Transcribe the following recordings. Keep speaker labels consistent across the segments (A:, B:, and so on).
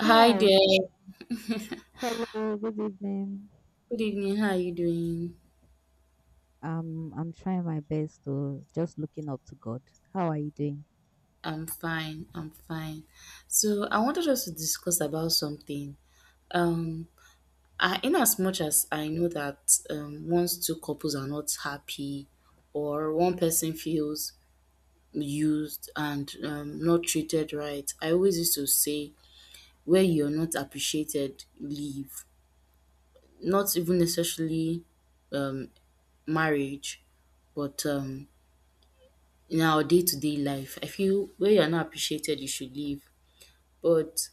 A: Hi
B: Hi.
A: there.
B: Hello. Good evening.
A: Good evening. How are you doing?
B: I'm trying my best to just looking up to God. How are you doing?
A: I'm fine. I'm fine. So I wanted us to discuss about something. Um, in as much as I know that once two couples are not happy, or one person feels used and not treated right, I always used to say, where you're not appreciated, leave. Not even necessarily um, marriage, but in our day-to-day life. I feel where you're not appreciated, you should leave. But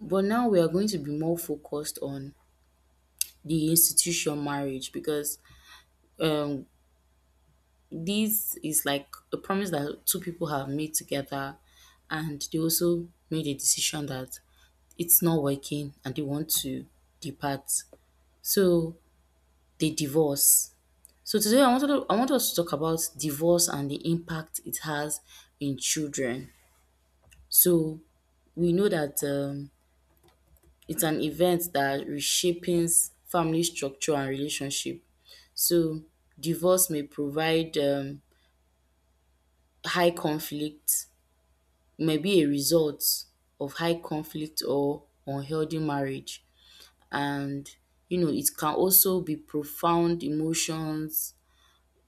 A: but now we are going to be more focused on the institution marriage because um this is like a promise that two people have made together, and they also made a decision that it's not working and they want to depart. So they divorce. So today I want us to talk about divorce and the impact it has in children. So we know that it's an event that reshapes family structure and relationship. So divorce may provide high conflict, may be a result of high conflict or unhealthy marriage. And you know, it can also be profound emotions,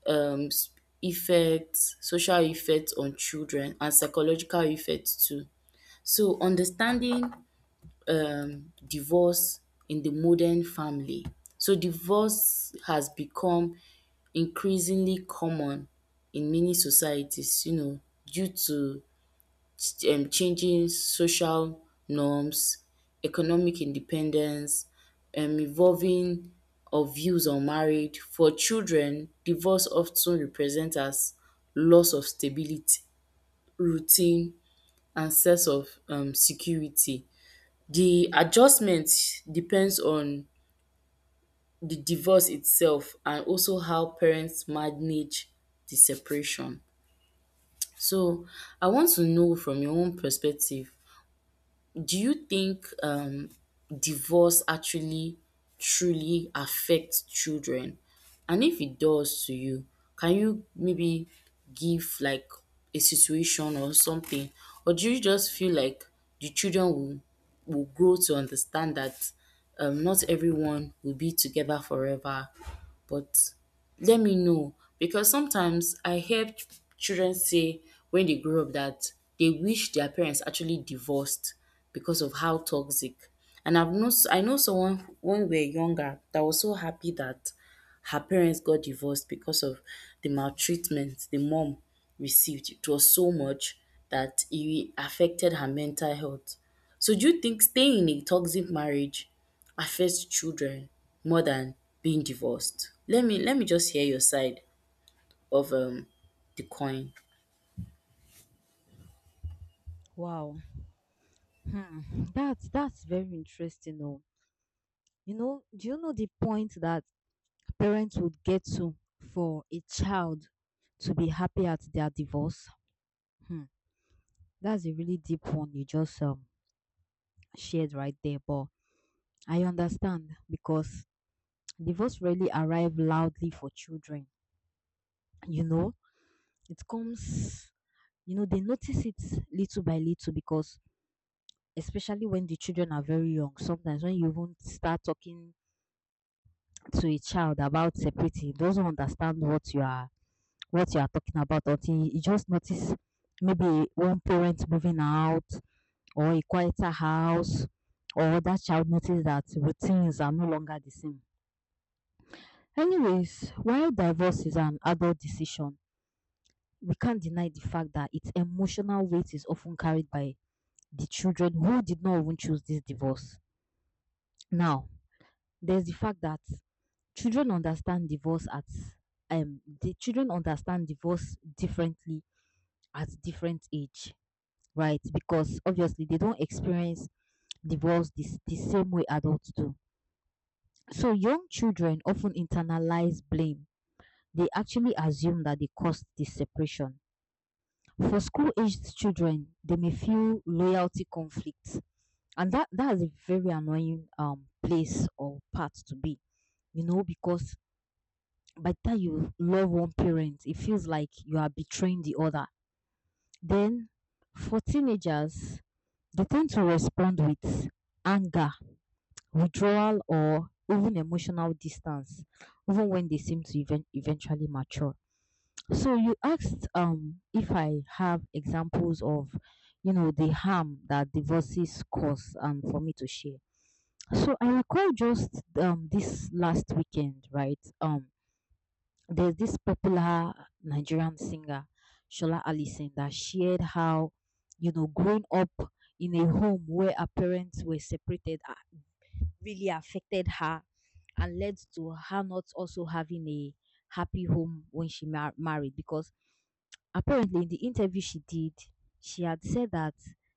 A: um, s- effects, social effects on children, and psychological effects too. So understanding divorce in the modern family. So divorce has become increasingly common in many societies, you know, due to changing social norms, economic independence, evolving of views on marriage. For children, divorce often represents as loss of stability, routine, and sense of security. The adjustment depends on the divorce itself and also how parents manage the separation. So I want to know from your own perspective, do you think divorce actually truly affects children? And if it does to you, can you maybe give like a situation or something? Or do you just feel like the children will, will grow to understand that not everyone will be together forever? But let me know, because sometimes I hear children say when they grow up that they wish their parents actually divorced because of how toxic. And I've not I know someone when we were younger that was so happy that her parents got divorced because of the maltreatment the mom received. It was so much that it affected her mental health. So do you think staying in a toxic marriage affects children more than being divorced? Let me just hear your side of the coin.
B: Wow. Hmm. That's very interesting. Oh, you know, do you know the point that parents would get to for a child to be happy at their divorce? Hmm. That's a really deep one you just shared right there. But I understand because divorce really arrive loudly for children. You know, it comes you know, they notice it little by little because especially when the children are very young, sometimes when you even start talking to a child about separating, he doesn't understand what you are talking about until you just notice maybe one parent moving out or a quieter house or that child notice that routines are no longer the same. Anyways, while divorce is an adult decision, we can't deny the fact that its emotional weight is often carried by the children who did not even choose this divorce. Now, there's the fact that children understand divorce at children understand divorce differently at different age, right? Because obviously they don't experience divorce this the same way adults do. So young children often internalize blame. They actually assume that they caused the separation. For school aged children, they may feel loyalty conflicts and that is a very annoying place or part to be, you know, because by the time you love one parent, it feels like you are betraying the other. Then for teenagers, they tend to respond with anger, withdrawal, or even emotional distance, even when they seem to even eventually mature. So you asked, if I have examples of, you know, the harm that divorces cause and for me to share. So I recall just this last weekend, right? There's this popular Nigerian singer, Shola Alison, that shared how, you know, growing up in a home where her parents were separated really affected her and led to her not also having a happy home when she married. Because apparently, in the interview she did, she had said that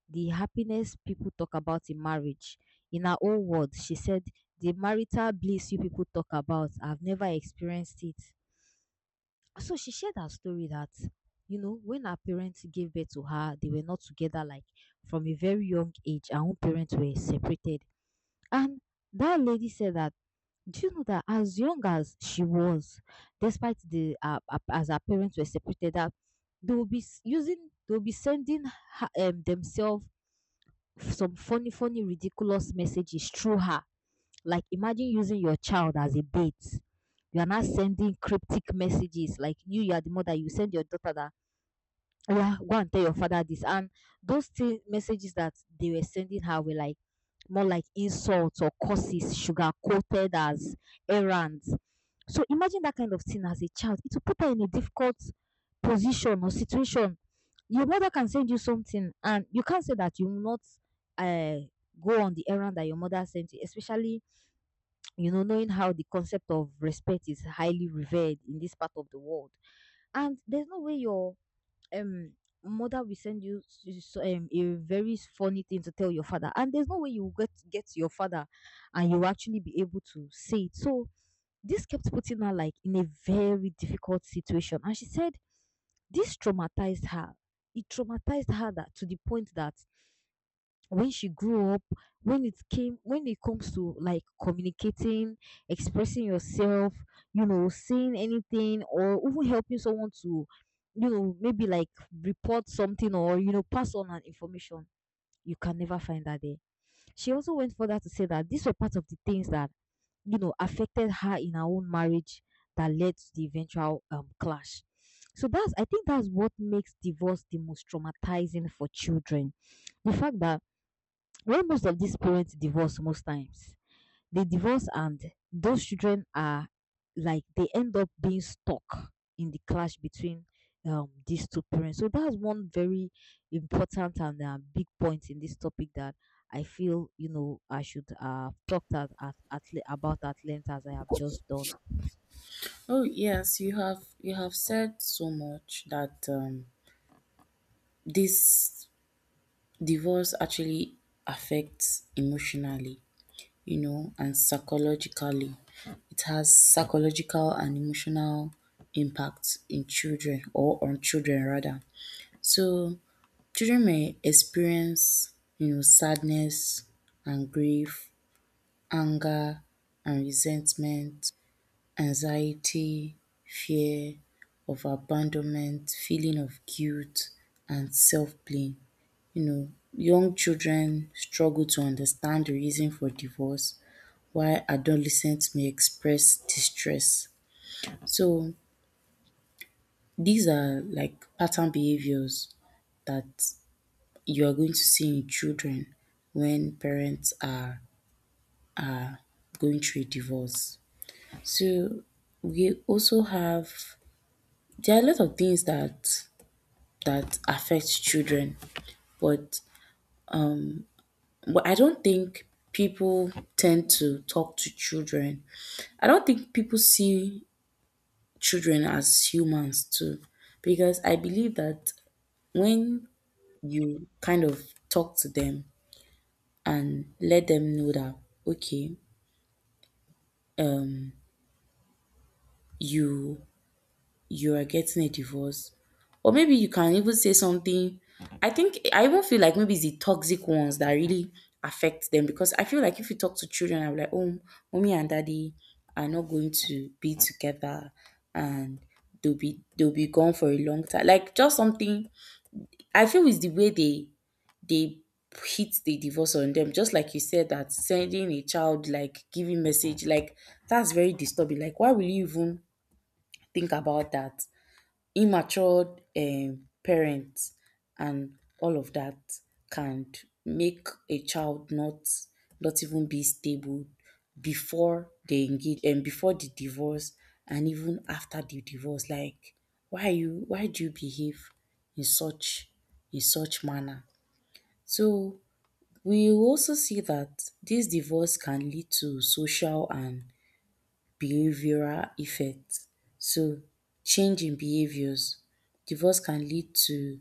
B: the happiness people talk about in marriage, in her own words, she said, the marital bliss you people talk about, I've never experienced it. So she shared her story that, you know, when her parents gave birth to her, they were not together, like from a very young age. Her own parents were separated. And that lady said that, do you know that as young as she was, despite the as her parents were separated, that they will be they will be sending her, themselves some funny, funny, ridiculous messages through her. Like imagine using your child as a bait. You are not sending cryptic messages like you are the mother. You send your daughter that, yeah, go and tell your father this. And those messages that they were sending her were like more like insults or curses, sugar coated as errands. So imagine that kind of thing as a child. It will put her in a difficult position or situation. Your mother can send you something, and you can't say that you will not uh, go on the errand that your mother sent you, especially, you know, knowing how the concept of respect is highly revered in this part of the world. And there's no way your um mother will send you a very funny thing to tell your father, and there's no way you will get to your father and you will actually be able to say it. So this kept putting her like in a very difficult situation, and she said this traumatized her. It traumatized her that, to the point that when she grew up, when it came when it comes to like communicating, expressing yourself, you know, saying anything or even helping someone to, you know, maybe like report something or, you know, pass on an information, you can never find that there. She also went further to say that these were part of the things that, you know, affected her in her own marriage, that led to the eventual clash. So that's, I think that's what makes divorce the most traumatizing for children. The fact that when most of these parents divorce, most times, they divorce and those children are, like they end up being stuck in the clash between these two parents. So that's one very important and big point in this topic that I feel, you know, I should have talk about at length as I have just done.
A: Oh yes, you have said so much that this divorce actually affects emotionally, you know, and psychologically. It has psychological and emotional impact in children, or on children rather. So children may experience, you know, sadness and grief, anger and resentment, anxiety, fear of abandonment, feeling of guilt and self blame. You know, young children struggle to understand the reason for divorce while adolescents may express distress. So these are like pattern behaviours that you are going to see in children when parents are going through a divorce. So we also have, there are a lot of things that affect children, but I don't think people tend to talk to children. I don't think people see children as humans too, because I believe that when you kind of talk to them and let them know that okay, um, you, you are getting a divorce. Or maybe you can even say something. I think I even feel like maybe it's the toxic ones that really affect them, because I feel like if you talk to children, I'm like, oh, mommy and daddy are not going to be together and they'll be gone for a long time. Like just something. I feel is the way they hit the divorce on them. Just like you said, that sending a child like giving message, like that's very disturbing. Like why will you even think about that? Immature parents and all of that can make a child not even be stable before they engage and before the divorce and even after the divorce. Like why do you behave in such, in such manner? So we also see that this divorce can lead to social and behavioral effect. So change in behaviors. Divorce can lead to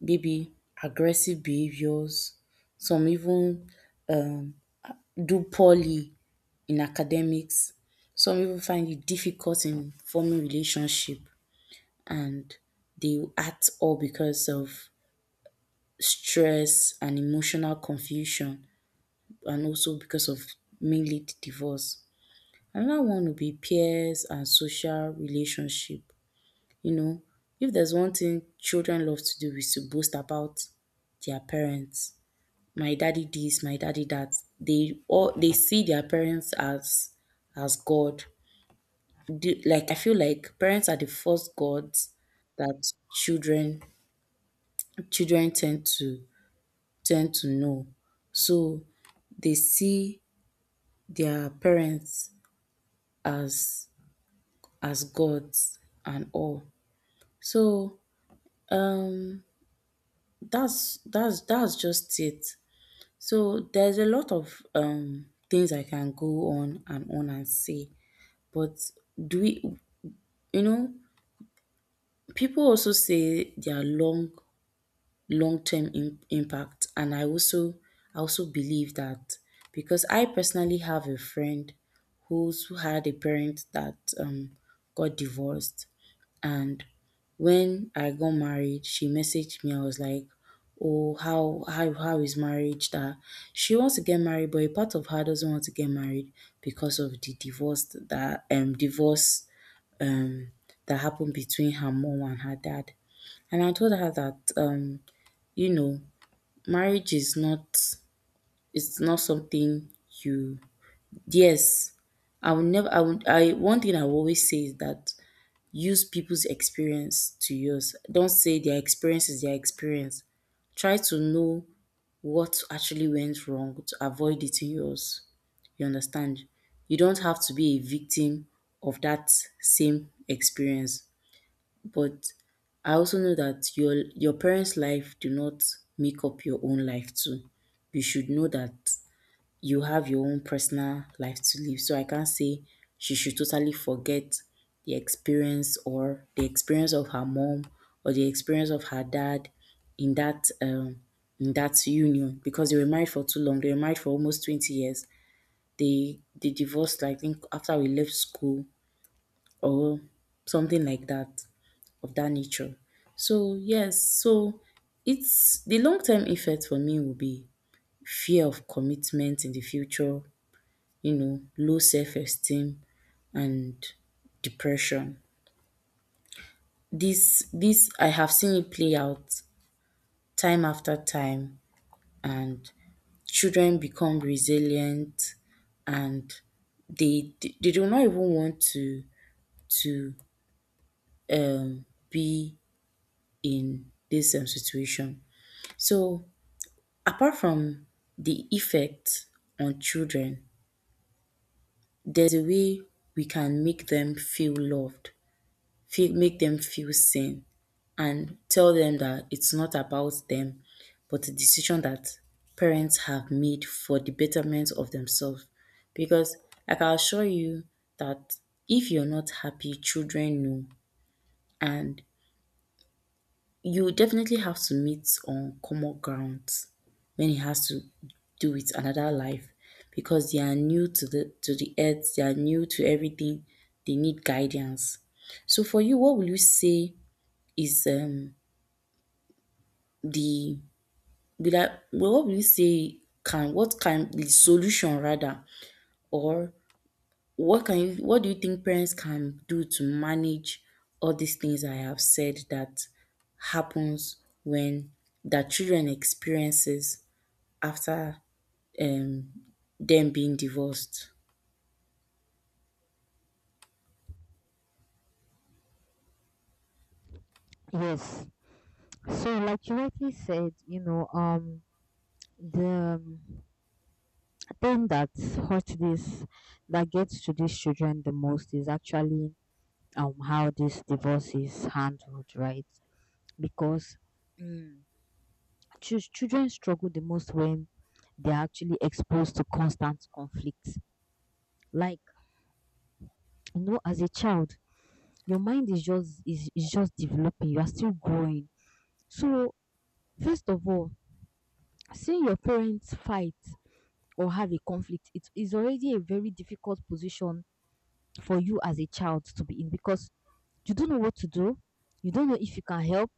A: maybe aggressive behaviors, some even um do poorly in academics, some even find it difficult in forming relationship, and they act all because of stress and emotional confusion, and also because of mainly the divorce. Another one would be peers and social relationship. You know, if there's one thing children love to do is to boast about their parents. My daddy this, my daddy that. They see their parents as God. Do, like I feel like parents are the first gods that children tend to, tend to know. So they see their parents as as gods and all. So um that's just it. So there's a lot of things I can go on and say, but do we, you know, people also say their long-term impact. And I also believe that because I personally have a friend who's who had a parent that got divorced, and when I got married, she messaged me. I was like, "Oh, how is marriage?" That she wants to get married, but a part of her doesn't want to get married because of the divorce, that divorce um that happened between her mom and her dad. And I told her that you know, marriage is not, it's not something you, yes. I will never, I would, I one thing I will always say is that use people's experience to yours. Don't say their experience is their experience. Try to know what actually went wrong to avoid it in yours. You understand? You don't have to be a victim of that same experience. But I also know that your parents' life do not make up your own life too. You should know that you have your own personal life to live. So I can't say she should totally forget the experience, or the experience of her mom, or the experience of her dad in that um in that union, because they were married for too long. They were married for almost 20 years. They divorced I think after we left school or something like that, of that nature. So yes, so it's the long term effect for me will be fear of commitment in the future, you know, low self esteem and depression. This I have seen it play out time after time, and children become resilient, and they do not even want to be in this situation. So apart from the effect on children, there's a way we can make them feel loved, feel, make them feel seen, and tell them that it's not about them, but a decision that parents have made for the betterment of themselves. Because I can assure you that if you're not happy, children know. And you definitely have to meet on common grounds when it has to do with another life, because they are new to the earth, they are new to everything, they need guidance. So for you, what will you say is the will I, well, what will you say can, what can the solution rather, or what can you, what do you think parents can do to manage all these things I have said that happens when that children experiences after um, them being divorced.
B: Yes. So, like you rightly said, you know, the thing that hurts this, that gets to these children the most is actually how this divorce is handled, right? Because, mm, children struggle the most when they're actually exposed to constant conflict. Like, you know, as a child, your mind is is just developing, you are still growing. So, first of all, seeing your parents fight or have a conflict, it is already a very difficult position for you as a child to be in because you don't know what to do, you don't know if you can help,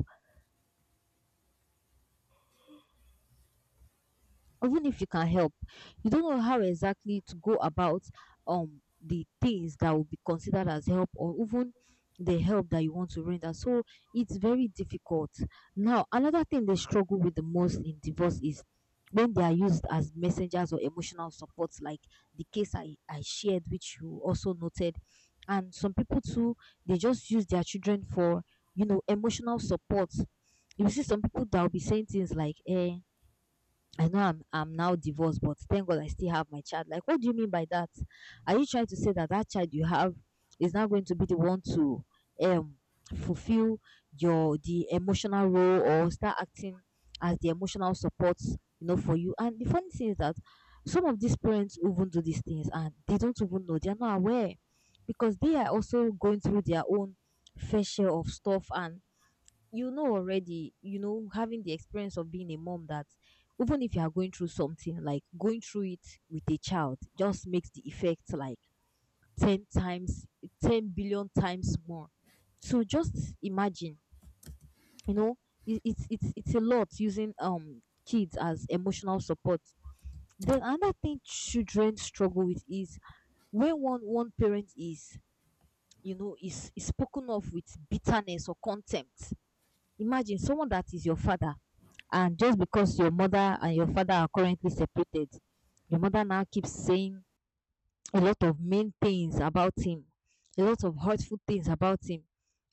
B: even if you can help you don't know how exactly to go about the things that will be considered as help or even the help that you want to render. So it's very difficult. Now another thing they struggle with the most in divorce is when they are used as messengers or emotional support, like the case I shared, which you also noted. And some people too, they just use their children for, you know, emotional support. You see some people that will be saying things like, eh, I know I'm now divorced, but thank God I still have my child. Like, what do you mean by that? Are you trying to say that that child you have is not going to be the one to um fulfill your the emotional role or start acting as the emotional support, you know, for you? And the funny thing is that some of these parents even do these things and they don't even know. They are not aware because they are also going through their own fair share of stuff. And you know already, you know, having the experience of being a mom, that even if you are going through something, like going through it with a child just makes the effect like 10 times, 10 billion times more. So just imagine, you know, it's a lot using kids as emotional support. Then another thing children struggle with is when one parent is, you know, is spoken of with bitterness or contempt. Imagine someone that is your father. And just because your mother and your father are currently separated, your mother now keeps saying a lot of mean things about him, a lot of hurtful things about him.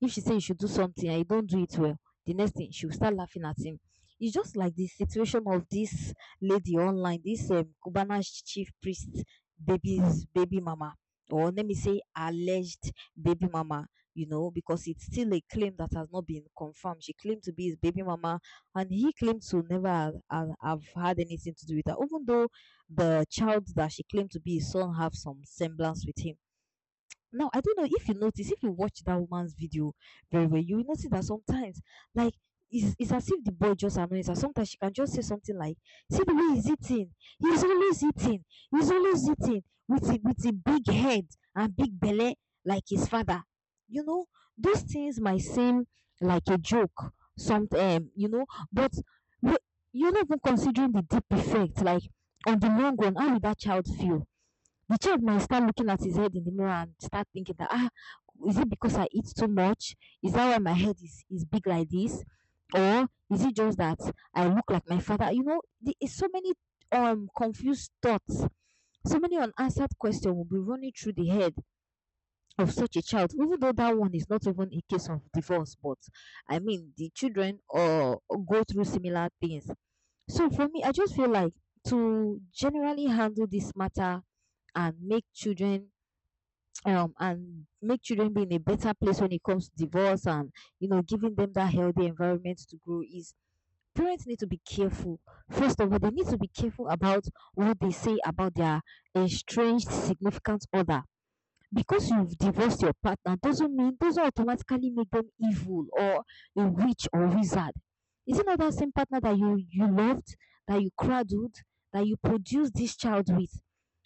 B: If she say you should do something and you don't do it well, the next thing she will start laughing at him. It's just like the situation of this lady online, this Cubana Chief Priest baby's baby mama, or let me say alleged baby mama. You know, because it's still a claim that has not been confirmed. She claimed to be his baby mama, and he claimed to never have had anything to do with her, even though the child that she claimed to be his son have some semblance with him. Now, I don't know if you notice, if you watch that woman's video very well, you will notice that sometimes, like, it's as if the boy just annoys her. Sometimes she can just say something like, see the way he's eating. He's always eating. He's always eating with a big head and big belly like his father. You know, those things might seem like a joke, some, you know, but we- you're not even considering the deep effect. Like, on the long run, how will that child feel? The child might start looking at his head in the mirror and start thinking that, ah, is it because I eat too much, is that why my head is big like this, or is it just that I look like my father? You know, there is so many confused thoughts, so many unanswered questions will be running through the head of such a child, even though that one is not even a case of divorce. But I mean, the children or go through similar things. So for me, I just feel like to generally handle this matter and make children be in a better place when it comes to divorce and, you know, giving them that healthy environment to grow is parents need to be careful. First of all, they need to be careful about what they say about their estranged significant other. Because you've divorced your partner doesn't mean, doesn't automatically make them evil or a witch or wizard. Is it not that same partner that you loved, that you cradled, that you produced this child with?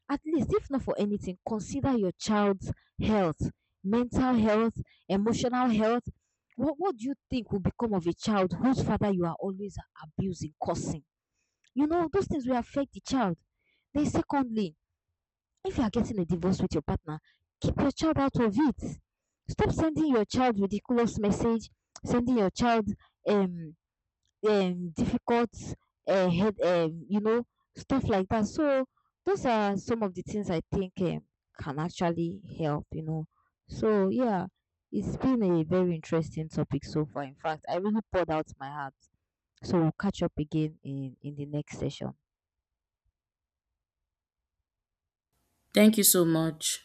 B: At least, if not for anything, consider your child's health, mental health, emotional health. What do you think will become of a child whose father you are always abusing, cursing? You know, those things will affect the child. Then secondly, if you are getting a divorce with your partner, keep your child out of it. Stop sending your child ridiculous message, sending your child um, difficult head you know stuff like that. So those are some of the things I think can actually help. You know, so yeah, it's been a very interesting topic so far. In fact, I really poured out my heart. So we'll catch up again in the next session.
A: Thank you so much.